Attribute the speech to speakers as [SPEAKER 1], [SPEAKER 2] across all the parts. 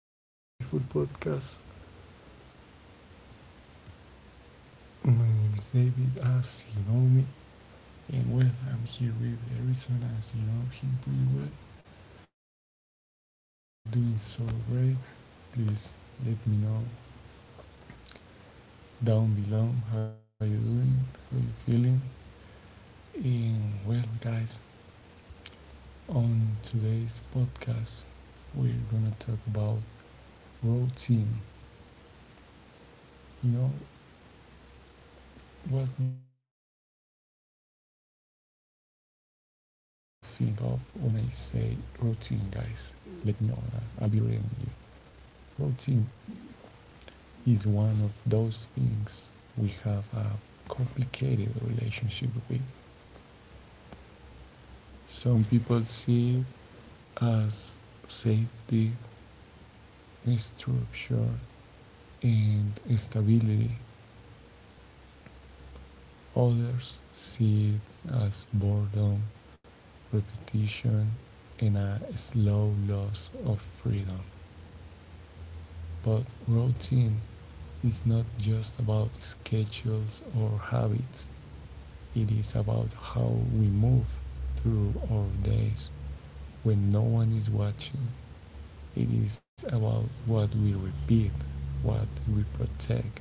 [SPEAKER 1] our beautiful podcast. My name is David, as you know me, and well, I'm here with Harrison, as you know him pretty well, and I hope you all doing so great. Please let me know down below how you doing, how you feeling, and well, guys, on today's podcast, we're gonna talk about routine. You know, what's the first thing you think of when I say routine, guys? Let me know. Will be reading you. Routine is one of those things we have a complicated relationship with. Some people see it as safety, structure, and stability. Others see it as boredom, repetition, and a slow loss of freedom. But routine is not just about schedules or habits. It is about how we move through our days when no one is watching. It is about what we repeat, what we protect,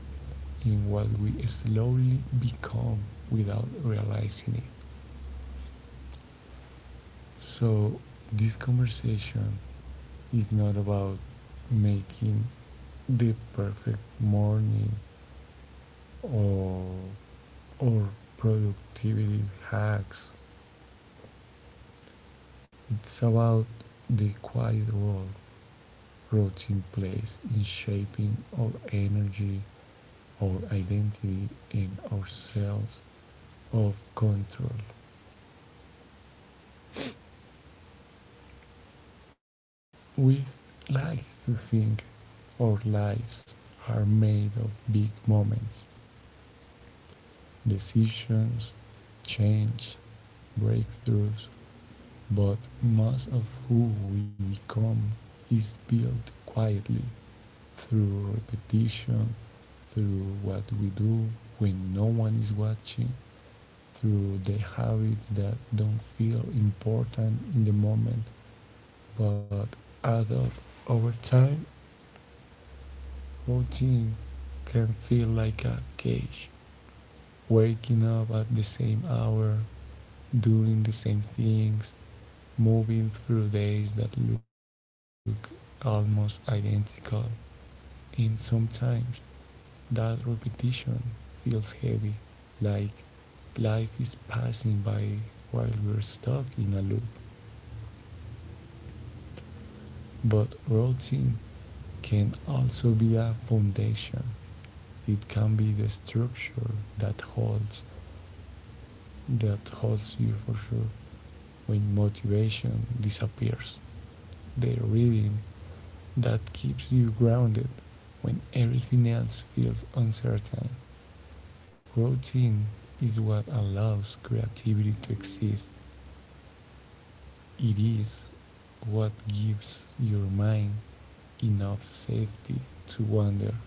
[SPEAKER 1] and what we slowly become without realizing it. So, this conversation is not about making the perfect morning or, or productivity hacks. It's about the quiet role routine plays in shaping our energy, our identity, and our sense of control. We like to think our lives are made of big moments, decisions, change, breakthroughs, but most of who we become is built quietly through repetition, through what we do when no one is watching, through the habits that don't feel important in the moment but add up over time. Routine can feel like a cage, waking up at the same hour, doing the same things, moving through days that look almost identical. And sometimes that repetition feels heavy, like life is passing by while we're stuck in a loop. But routine can also be a foundation. It can be the structure that holds that holds you for sure. When motivation disappears, the rhythm that keeps you grounded when everything else feels uncertain. Routine is what allows creativity to exist. It is what gives your mind enough safety to wander.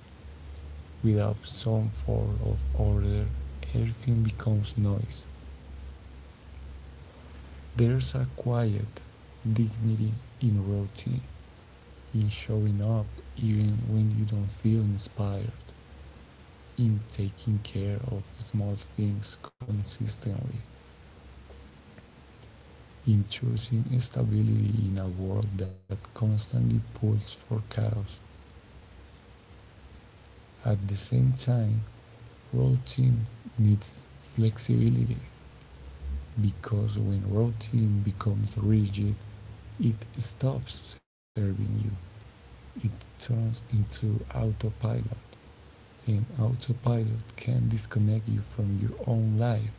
[SPEAKER 1] Without some form of order, everything becomes noise. There's a quiet dignity in routine, in showing up even when you don't feel inspired, in taking care of small things consistently, in choosing stability in a world that constantly pulls for chaos. At the same time, routine needs flexibility, because when routine becomes rigid, it stops serving you. It turns into autopilot. And autopilot can disconnect you from your own life.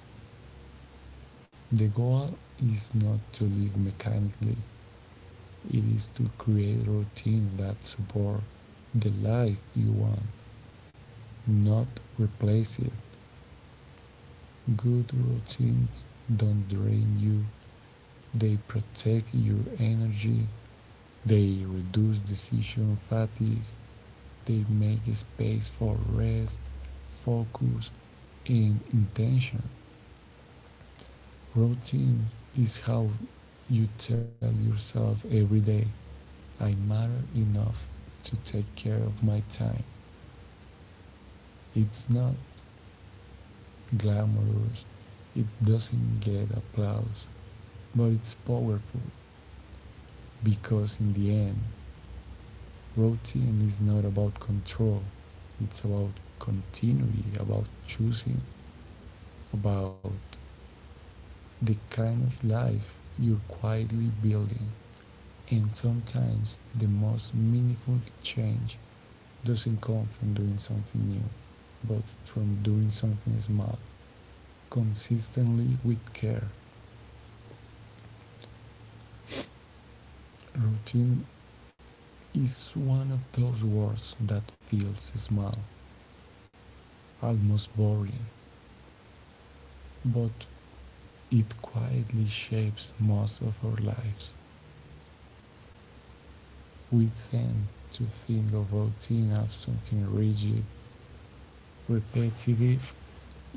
[SPEAKER 1] The goal is not to live mechanically, it is to create routines that support the life you want, not replace it. Good routines don't drain you, they protect your energy, they reduce decision fatigue, they make space for rest, focus, and intention. Routine is how you tell yourself every day, I matter enough to take care of my time. It's not glamorous, it doesn't get applause, but it's powerful because in the end, routine is not about control, it's about continuity, about choosing, about the kind of life you're quietly building. And sometimes the most meaningful change doesn't come from doing something new, but from doing something small, consistently with care. Routine is one of those words that feels small, almost boring, but it quietly shapes most of our lives. We tend to think of routine as something rigid, repetitive,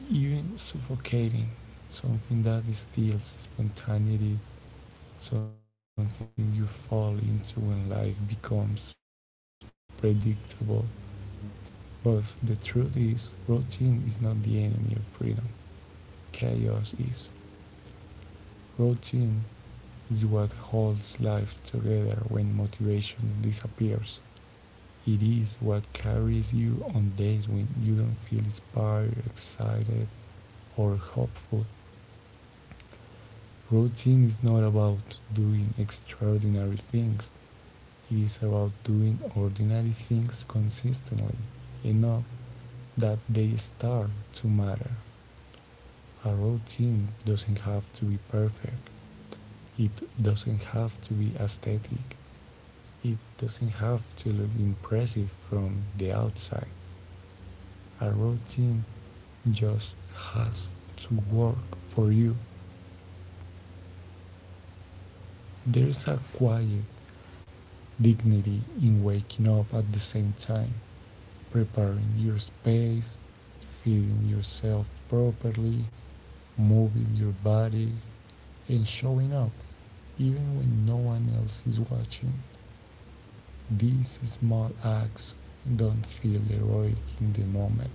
[SPEAKER 1] even suffocating, something that steals spontaneity, something you fall into when life becomes predictable. But the truth is, routine is not the enemy of freedom. Chaos is. Routine is what holds life together when motivation disappears. It is what carries you on days when you don't feel inspired, excited, or hopeful. Routine is not about doing extraordinary things. It is about doing ordinary things consistently enough that they start to matter. A routine doesn't have to be perfect. It doesn't have to be aesthetic. It doesn't have to look impressive from the outside. A routine just has to work for you. There's a quiet dignity in waking up at the same time, preparing your space, feeding yourself properly, moving your body, and showing up even when no one else is watching. These small acts don't feel heroic in the moment,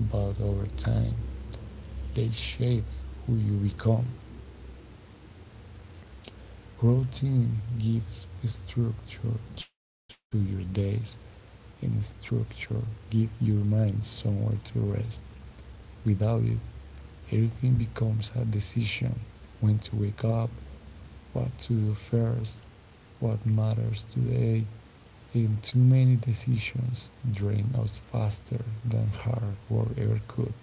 [SPEAKER 1] but over time, they shape who you become. Routine gives structure to your days, and structure gives your mind somewhere to rest. Without it, everything becomes a decision: when to wake up, what to do first, what matters today, and too many decisions drain us faster than hard work ever could.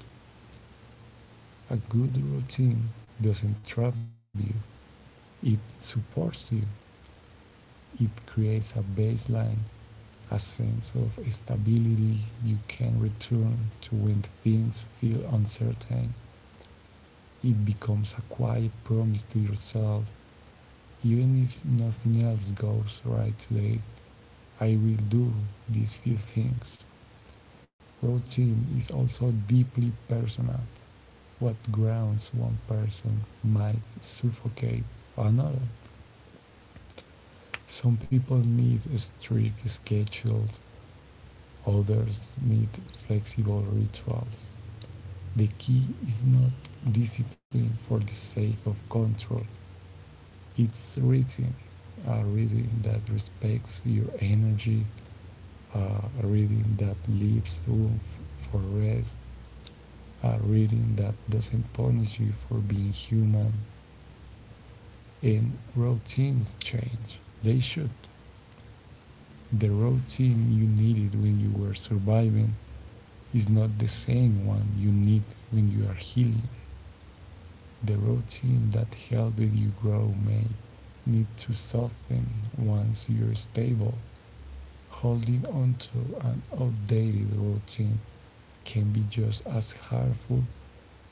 [SPEAKER 1] A good routine doesn't trap you, it supports you, it creates a baseline, a sense of stability you can return to when things feel uncertain. It becomes a quiet promise to yourself. Even if nothing else goes right today, I will do these few things. Routine is also deeply personal. What grounds one person might suffocate another. Some people need strict schedules, others need flexible rituals. The key is not discipline for the sake of control, it's reading. A reading that respects your energy, a reading that leaves room for rest, a reading that doesn't punish you for being human. And routines change, they should. The routine you needed when you were surviving is not the same one you need when you are healing. The routine that helped you grow may need to soften once you're stable. Holding onto an outdated routine can be just as harmful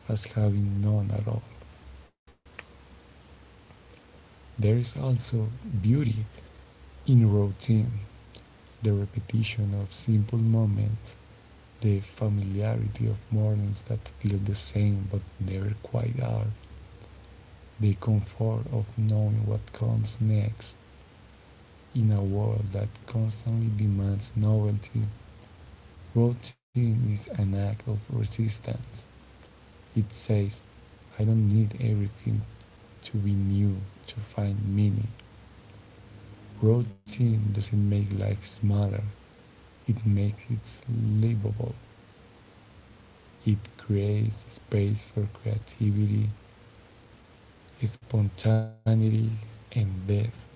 [SPEAKER 1] as having none at all. There is also beauty in routine, the repetition of simple moments, the familiarity of mornings that feel the same but never quite are, the comfort of knowing what comes next in a world that constantly demands novelty. Routine is an act of resistance. It says, I don't need everything to be new to find meaning. Routine doesn't make life smaller, it makes it livable. It creates space for creativity, spontaneity, and depth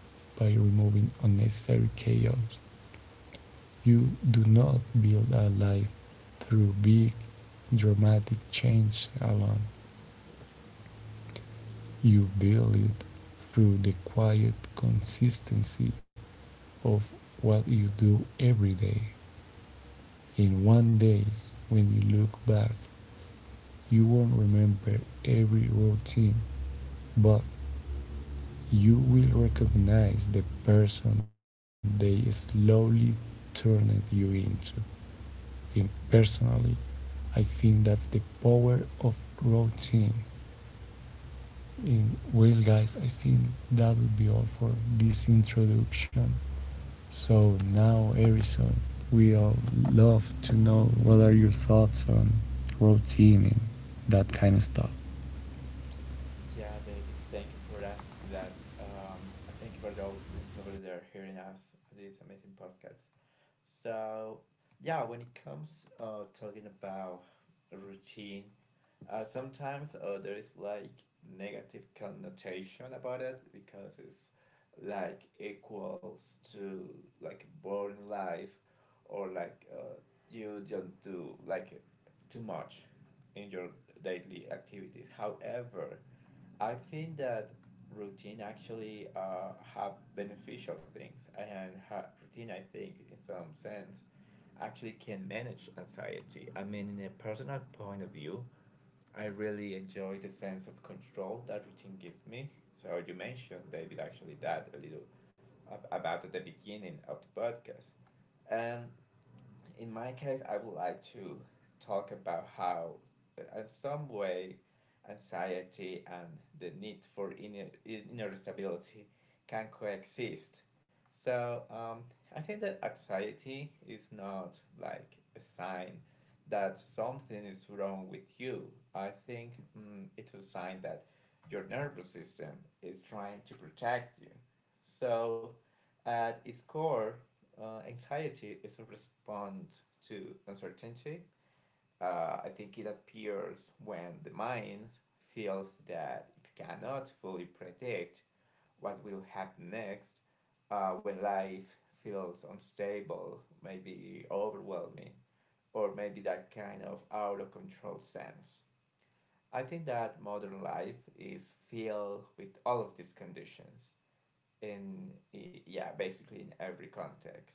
[SPEAKER 1] by removing unnecessary chaos. You do not build a life through big, dramatic change alone. You build it through the quiet consistency of what you do every day. And one day, when you look back, you won't remember every routine, but you will recognize the person they slowly turned you into. And personally, I think that's the power of routine. And well, guys, I think that would be all for this introduction. So now, Erison, we all love to know what are your thoughts on routine and that kind of stuff.
[SPEAKER 2] Yeah, David, thank you for asking that. And thank you for the audience over there hearing us this amazing podcast. So, yeah, when it comes talking about routine, sometimes there is like negative connotation about it because it's like equals to like boring life or like you don't do like too much in your daily activities. However, I think that routine actually have beneficial things, and ha routine, I think, in some sense, actually can manage anxiety. I mean, in a personal point of view, I really enjoy the sense of control that routine gives me. So you mentioned, David, actually that a little about at the beginning of the podcast. Um, in my case, I would like to talk about how, in some way, anxiety and the need for inner stability can coexist. So, I think that anxiety is not like a sign that something is wrong with you. I think it's a sign that your nervous system is trying to protect you. So at its core, anxiety is a response to uncertainty. I think it appears when the mind feels that it cannot fully predict what will happen next, when life feels unstable, maybe overwhelming, or maybe that kind of out of control sense. I think that modern life is filled with all of these conditions in, yeah, basically in every context.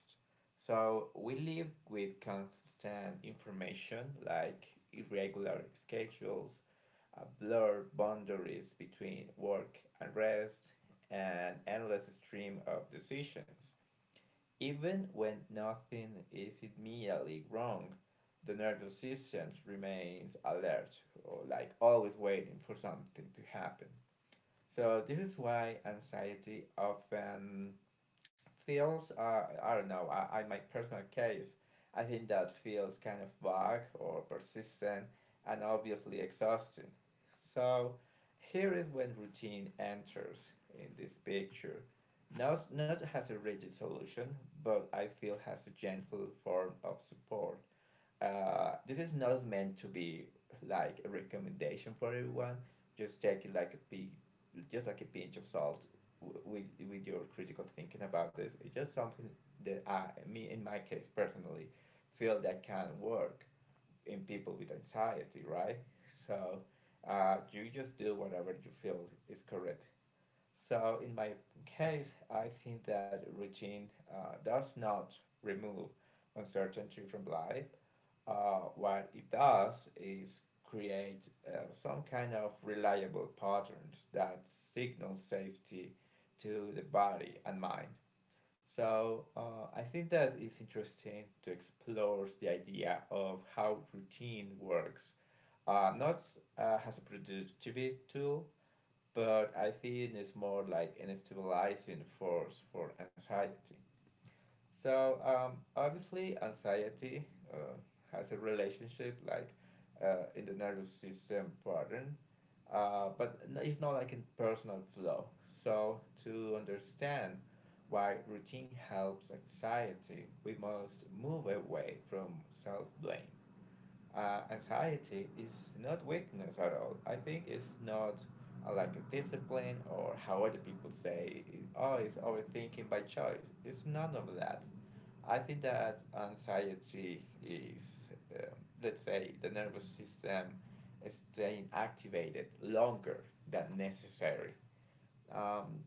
[SPEAKER 2] So we live with constant information, like irregular schedules, blurred boundaries between work and rest, and endless stream of decisions. Even when nothing is immediately wrong, the nervous system remains alert, or like always waiting for something to happen. So this is why anxiety often feels, I don't know, I, my personal case, I think that feels kind of vague or persistent and obviously exhausting. So here is when routine enters in this picture. Not as a rigid solution, but I feel has a gentle form of support. This is not meant to be like a recommendation for everyone. Just take it like a big, just like a pinch of salt, with your critical thinking about this. It's just something that me in my case personally, feel that can work in people with anxiety, right? So, you just do whatever you feel is correct. So in my case, I think that routine does not remove uncertainty from life. What it does is create some kind of reliable patterns that signal safety to the body and mind. So I think that it's interesting to explore the idea of how routine works, not as a productivity tool, but I think it's more like an stabilizing force for anxiety. So, obviously, anxiety uh, has a relationship like in the nervous system pattern, but it's not like in personal flow. So to understand why routine helps anxiety, we must move away from self blame. Anxiety is not weakness at all. I think it's not like a discipline, or how other people say, oh, it's overthinking by choice. It's none of that. I think that anxiety is, um, let's say, the nervous system staying activated longer than necessary. Um,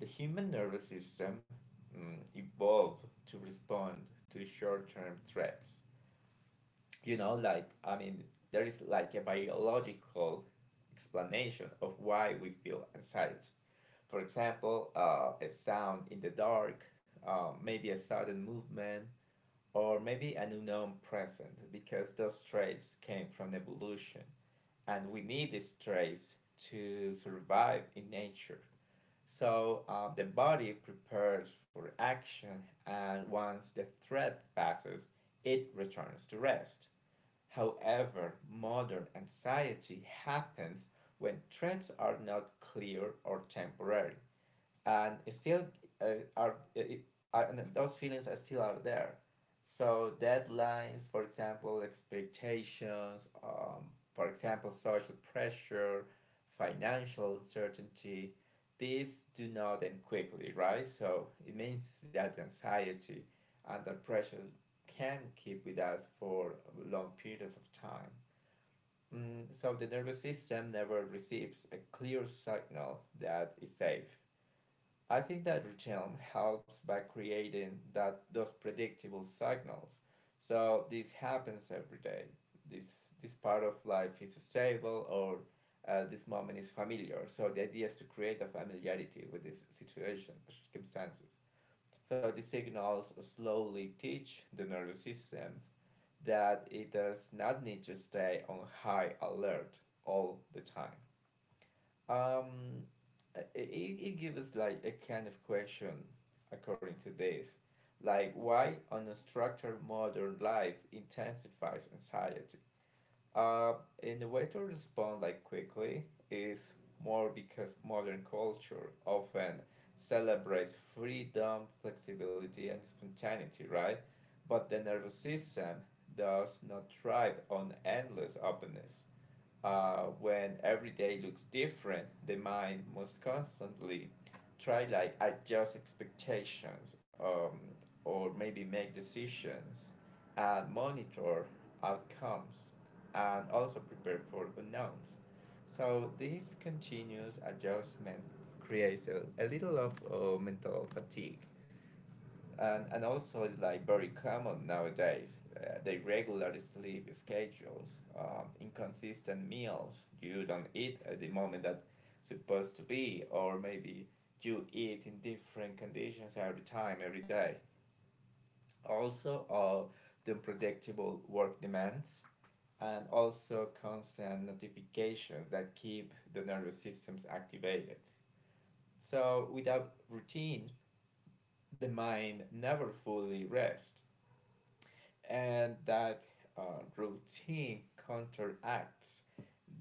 [SPEAKER 2] the human nervous system, evolved to respond to short term threats. You know, like, I mean, there is like a biological explanation of why we feel anxiety. For example, a sound in the dark, maybe a sudden movement, or maybe an unknown present, because those traits came from evolution and we need these traits to survive in nature. So the body prepares for action, and once the threat passes, it returns to rest. However, modern anxiety happens when threats are not clear or temporary, and it still, uh, are and those feelings are still out there. So deadlines, for example, expectations, for example, social pressure, financial uncertainty, these do not end quickly, right? So it means that anxiety and the pressure can keep with us for long periods of time. Mm, so the nervous system never receives a clear signal that it's safe. I think that Richelm helps by creating that those predictable signals. So this happens every day. This this part of life is stable, or this moment is familiar. So the idea is to create a familiarity with this situation, circumstances. So the signals slowly teach the nervous systems that it does not need to stay on high alert all the time. Um, it gives like a kind of question according to this, like why unstructured modern life intensifies anxiety. Uh, and the way to respond like quickly is more because modern culture often celebrates freedom, flexibility, and spontaneity, right? But the nervous system does not thrive on endless openness. When every day looks different, the mind must constantly try like adjust expectations, or maybe make decisions and monitor outcomes, and also prepare for unknowns. So this continuous adjustment creates a little of mental fatigue. And also it's like very common nowadays. They regularly sleep schedules, inconsistent meals. You don't eat at the moment that supposed to be, or maybe you eat in different conditions every time, every day. Also, the unpredictable work demands, and also constant notifications that keep the nervous systems activated. So without routine, the mind never fully rests, and that, routine counteracts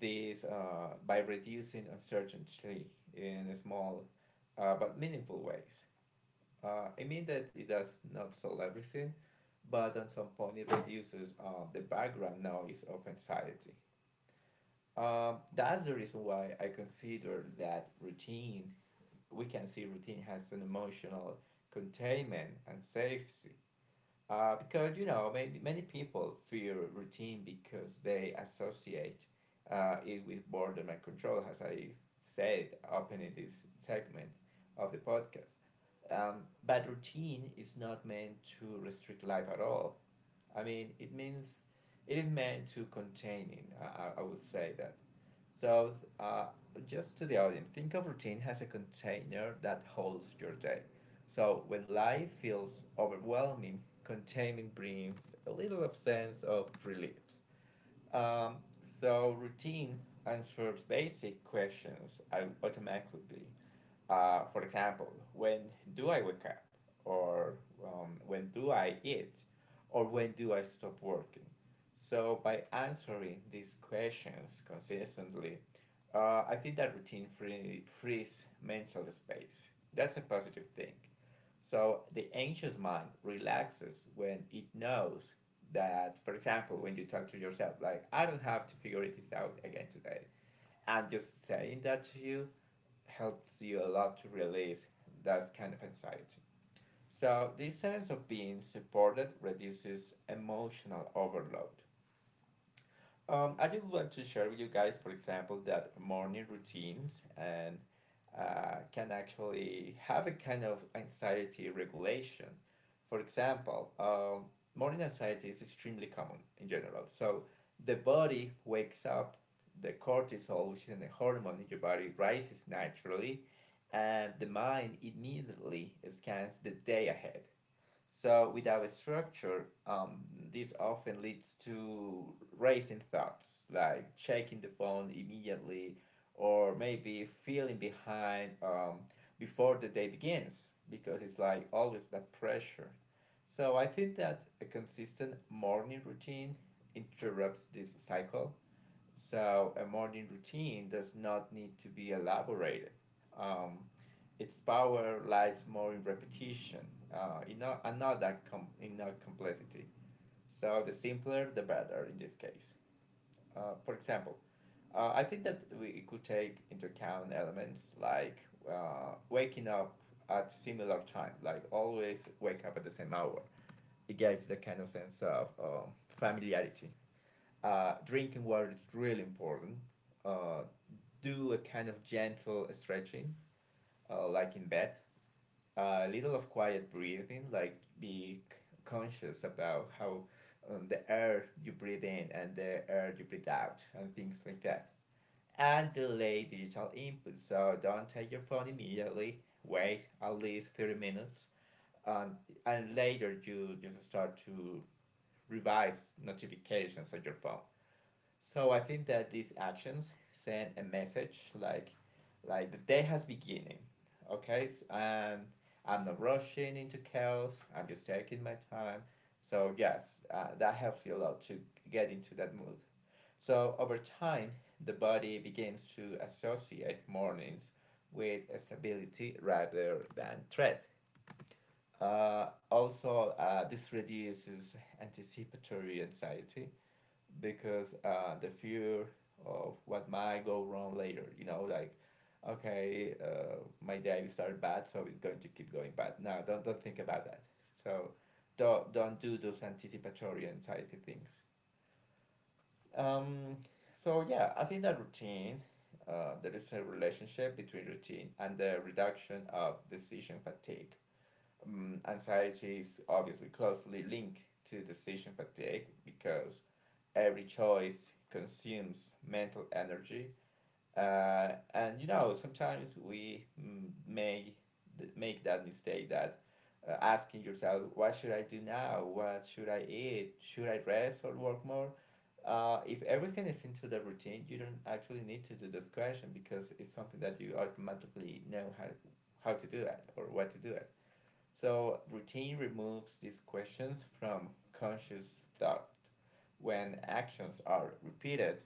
[SPEAKER 2] this by reducing uncertainty in small but meaningful ways. I mean that it does not solve everything, but at some point it reduces the background noise of anxiety. That's the reason why I consider that routine, we can see routine has an emotional containment and safety, because you know many people fear routine because they associate it with boredom and control, as I said opening this segment of the podcast. um, but routine is not meant to restrict life at all. I mean, it means it is meant to containing. I would say that. So, uh, just to the audience, think of routine as a container that holds your day. So, when life feels overwhelming, containment brings a little of sense of relief. So routine answers basic questions automatically. For example, when do I wake up? Or when do I eat? Or when do I stop working? So by answering these questions consistently, I think that routine frees mental space. That's a positive thing. So the anxious mind relaxes when it knows that, for example, when you talk to yourself like, I don't have to figure this out again today, and just saying that to you helps you a lot to release that kind of anxiety. So this sense of being supported reduces emotional overload. I just want to share with you guys, for example, that morning routines and, can actually have a kind of anxiety regulation. For example, morning anxiety is extremely common in general. So the body wakes up, the cortisol, which is a hormone in your body, rises naturally, and the mind immediately scans the day ahead. So without a structure, this often leads to racing thoughts, like checking the phone immediately or maybe feeling behind, before the day begins, because it's like always that pressure. So I think that a consistent morning routine interrupts this cycle. So a morning routine does not need to be elaborated. Um, its power lies more in repetition, in not complexity. So the simpler, the better in this case. For example, I think that we could take into account elements like waking up at similar time, like always wake up at the same hour. It gives the kind of sense of, familiarity. Drinking water is really important. Uh, do a kind of gentle stretching, like in bed. A little of quiet breathing, like be conscious about how, the air you breathe in and the air you breathe out, and things like that. And delay digital input, so don't take your phone immediately. Wait at least 30 minutes. And, and later you just start to revise notifications on your phone. So I think that these actions send a message like, the day has beginning. Okay? And I'm not rushing into chaos. I'm just taking my time. So yes, that helps you a lot to get into that mood. So over time, the body begins to associate mornings with stability rather than threat. Also, this reduces anticipatory anxiety, because the fear of what might go wrong later. You know, like, okay, my day started bad, so it's going to keep going bad. No, don't think about that. So don't do those anticipatory anxiety things. Um, yeah, I think that routine, there is a relationship between routine and the reduction of decision fatigue. Anxiety is obviously closely linked to decision fatigue because every choice consumes mental energy, and you know sometimes we may make that mistake that asking yourself what should I do now, what should I eat, should I rest or work more? Uh, if everything is into the routine you don't actually need to do this question because it's something that you automatically know how to do it or what to do it, so routine removes these questions from conscious thought. When actions are repeated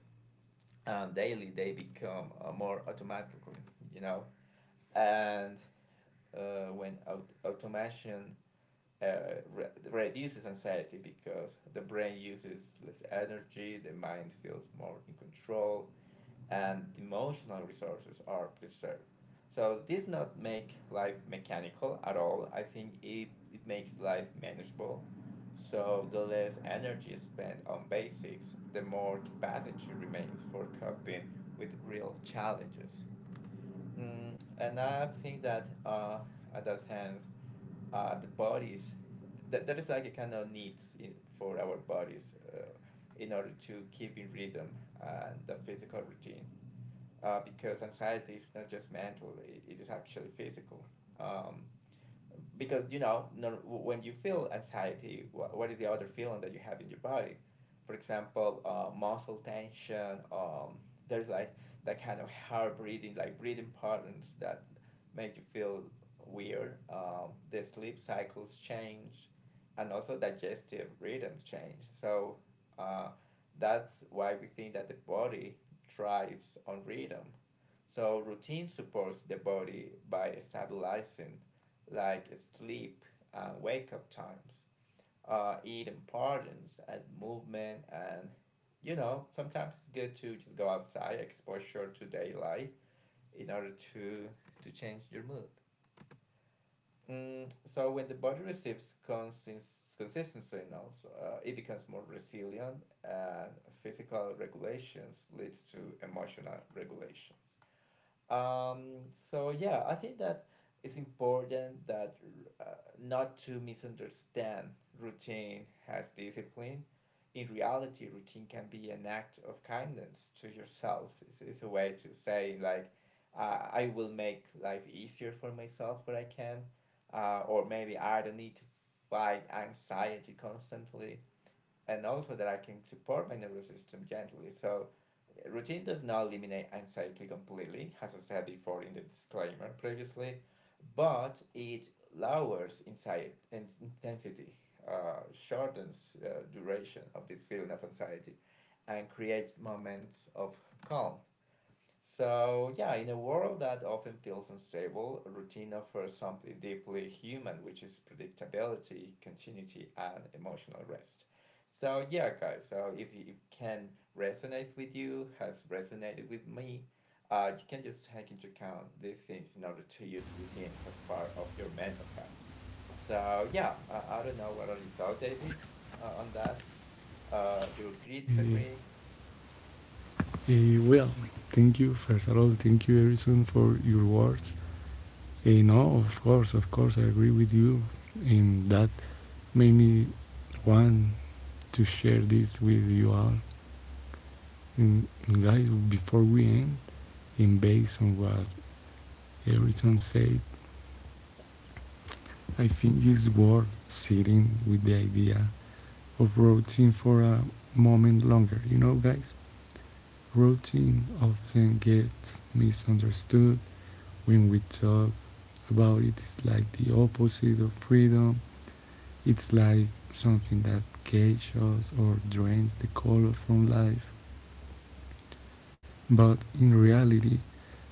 [SPEAKER 2] daily, they become more automatically, you know. And when automation uh, reduces anxiety because the brain uses less energy, the mind feels more in control, and emotional resources are preserved. So this not make life mechanical at all. I think it makes life manageable. So the less energy spent on basics, the more capacity remains for coping with real challenges. Mm, and I think that at that sense, the bodies, that is like a kind of needs in, for our bodies uh, in order to keep in rhythm and the physical routine, because anxiety is not just mental; it is actually physical. Um, because you know when you feel anxiety, what is the other feeling that you have in your body? For example, muscle tension. There's like that kind of hard breathing, like breathing patterns that make you feel weird. The sleep cycles change, and also digestive rhythms change. So uh, that's why we think that the body thrives on rhythm. So routine supports the body by stabilizing like sleep and wake up times eating patterns and movement, and you know sometimes it's good to just go outside, exposure to daylight in order to change your mood, mm, so when the body receives consistency signals, it becomes more resilient and physical regulations leads to emotional regulations, um, so yeah, I think that it's important that uh, not to misunderstand routine as discipline. In reality, routine can be an act of kindness to yourself. It's a way to say like, I will make life easier for myself where I can, or maybe I don't need to fight anxiety constantly, and also that I can support my nervous system gently. So routine does not eliminate anxiety completely, as I said before in the disclaimer previously, but it lowers anxiety and intensity, shortens duration of this feeling of anxiety, and creates moments of calm, so, yeah, in a world that often feels unstable, routine offers something deeply human, which is predictability, continuity, and emotional rest. So, yeah, guys, so if it can resonate with you, has resonated with me, you can just take into account these things in order to use routine as part of your mental health. So, yeah, I don't know what are your thoughts, David, on that. You agree,
[SPEAKER 1] Uh,
[SPEAKER 2] disagree?
[SPEAKER 1] well, thank you first of all. Thank you, Erison, for your words. No, of course, I agree with you, and that made me want to share this with you all. And guys, before we end, and based on what Erison said, I think it's worth sitting with the idea of routine for a moment longer. You know, guys, routine often gets misunderstood when we talk about it. It's like the opposite of freedom. It's like something that cages us or drains the color from life. But in reality,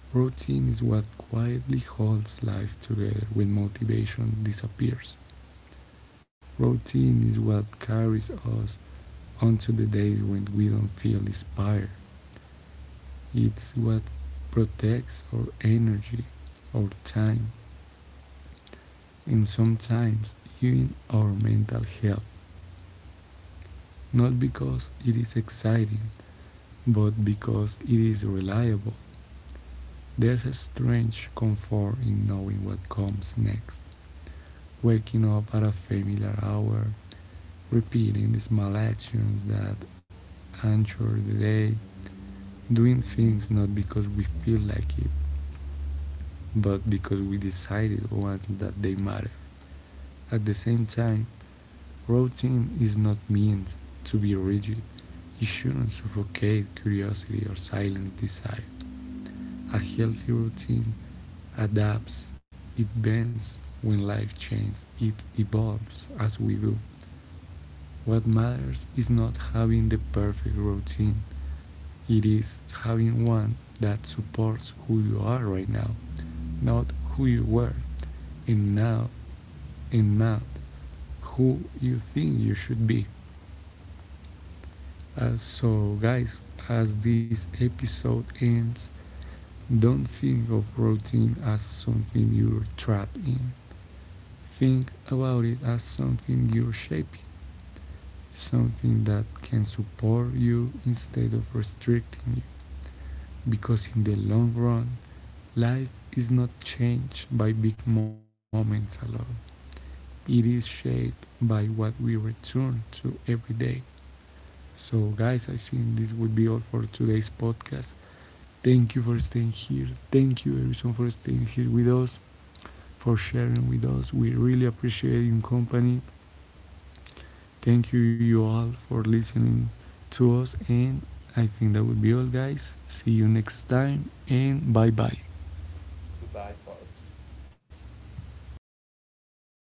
[SPEAKER 1] routine is what quietly holds life together when motivation disappears. Routine is what carries us onto the days when we don't feel inspired. It's what protects our energy, our time, and sometimes even our mental health. Not because it is exciting, but because it is reliable. There's a strange comfort in knowing what comes next. Waking up at a familiar hour, repeating the small actions that anchor the day, doing things not because we feel like it, but because we decided once that they matter. At the same time, routine is not meant to be rigid. It shouldn't suffocate curiosity or silence desire. A healthy routine adapts, it bends when life changes, it evolves as we do. What matters is not having the perfect routine, it is having one that supports who you are right now, not who you were. And now and not who you think you should be. So, guys, as this episode ends, don't think of routine as something you're trapped in. Think about it as something you're shaping, something that can support you instead of restricting you. Because in the long run, life is not changed by big moments alone, it is shaped by what we return to every day. So, guys, I think this would be all for today's podcast. Thank you for staying here. Thank you, everyone, for staying here with us, for sharing with us. We really appreciate your company. Thank you, you all, for listening to us. And I think that would be all, guys. See you next time, and bye bye.
[SPEAKER 2] Goodbye, folks.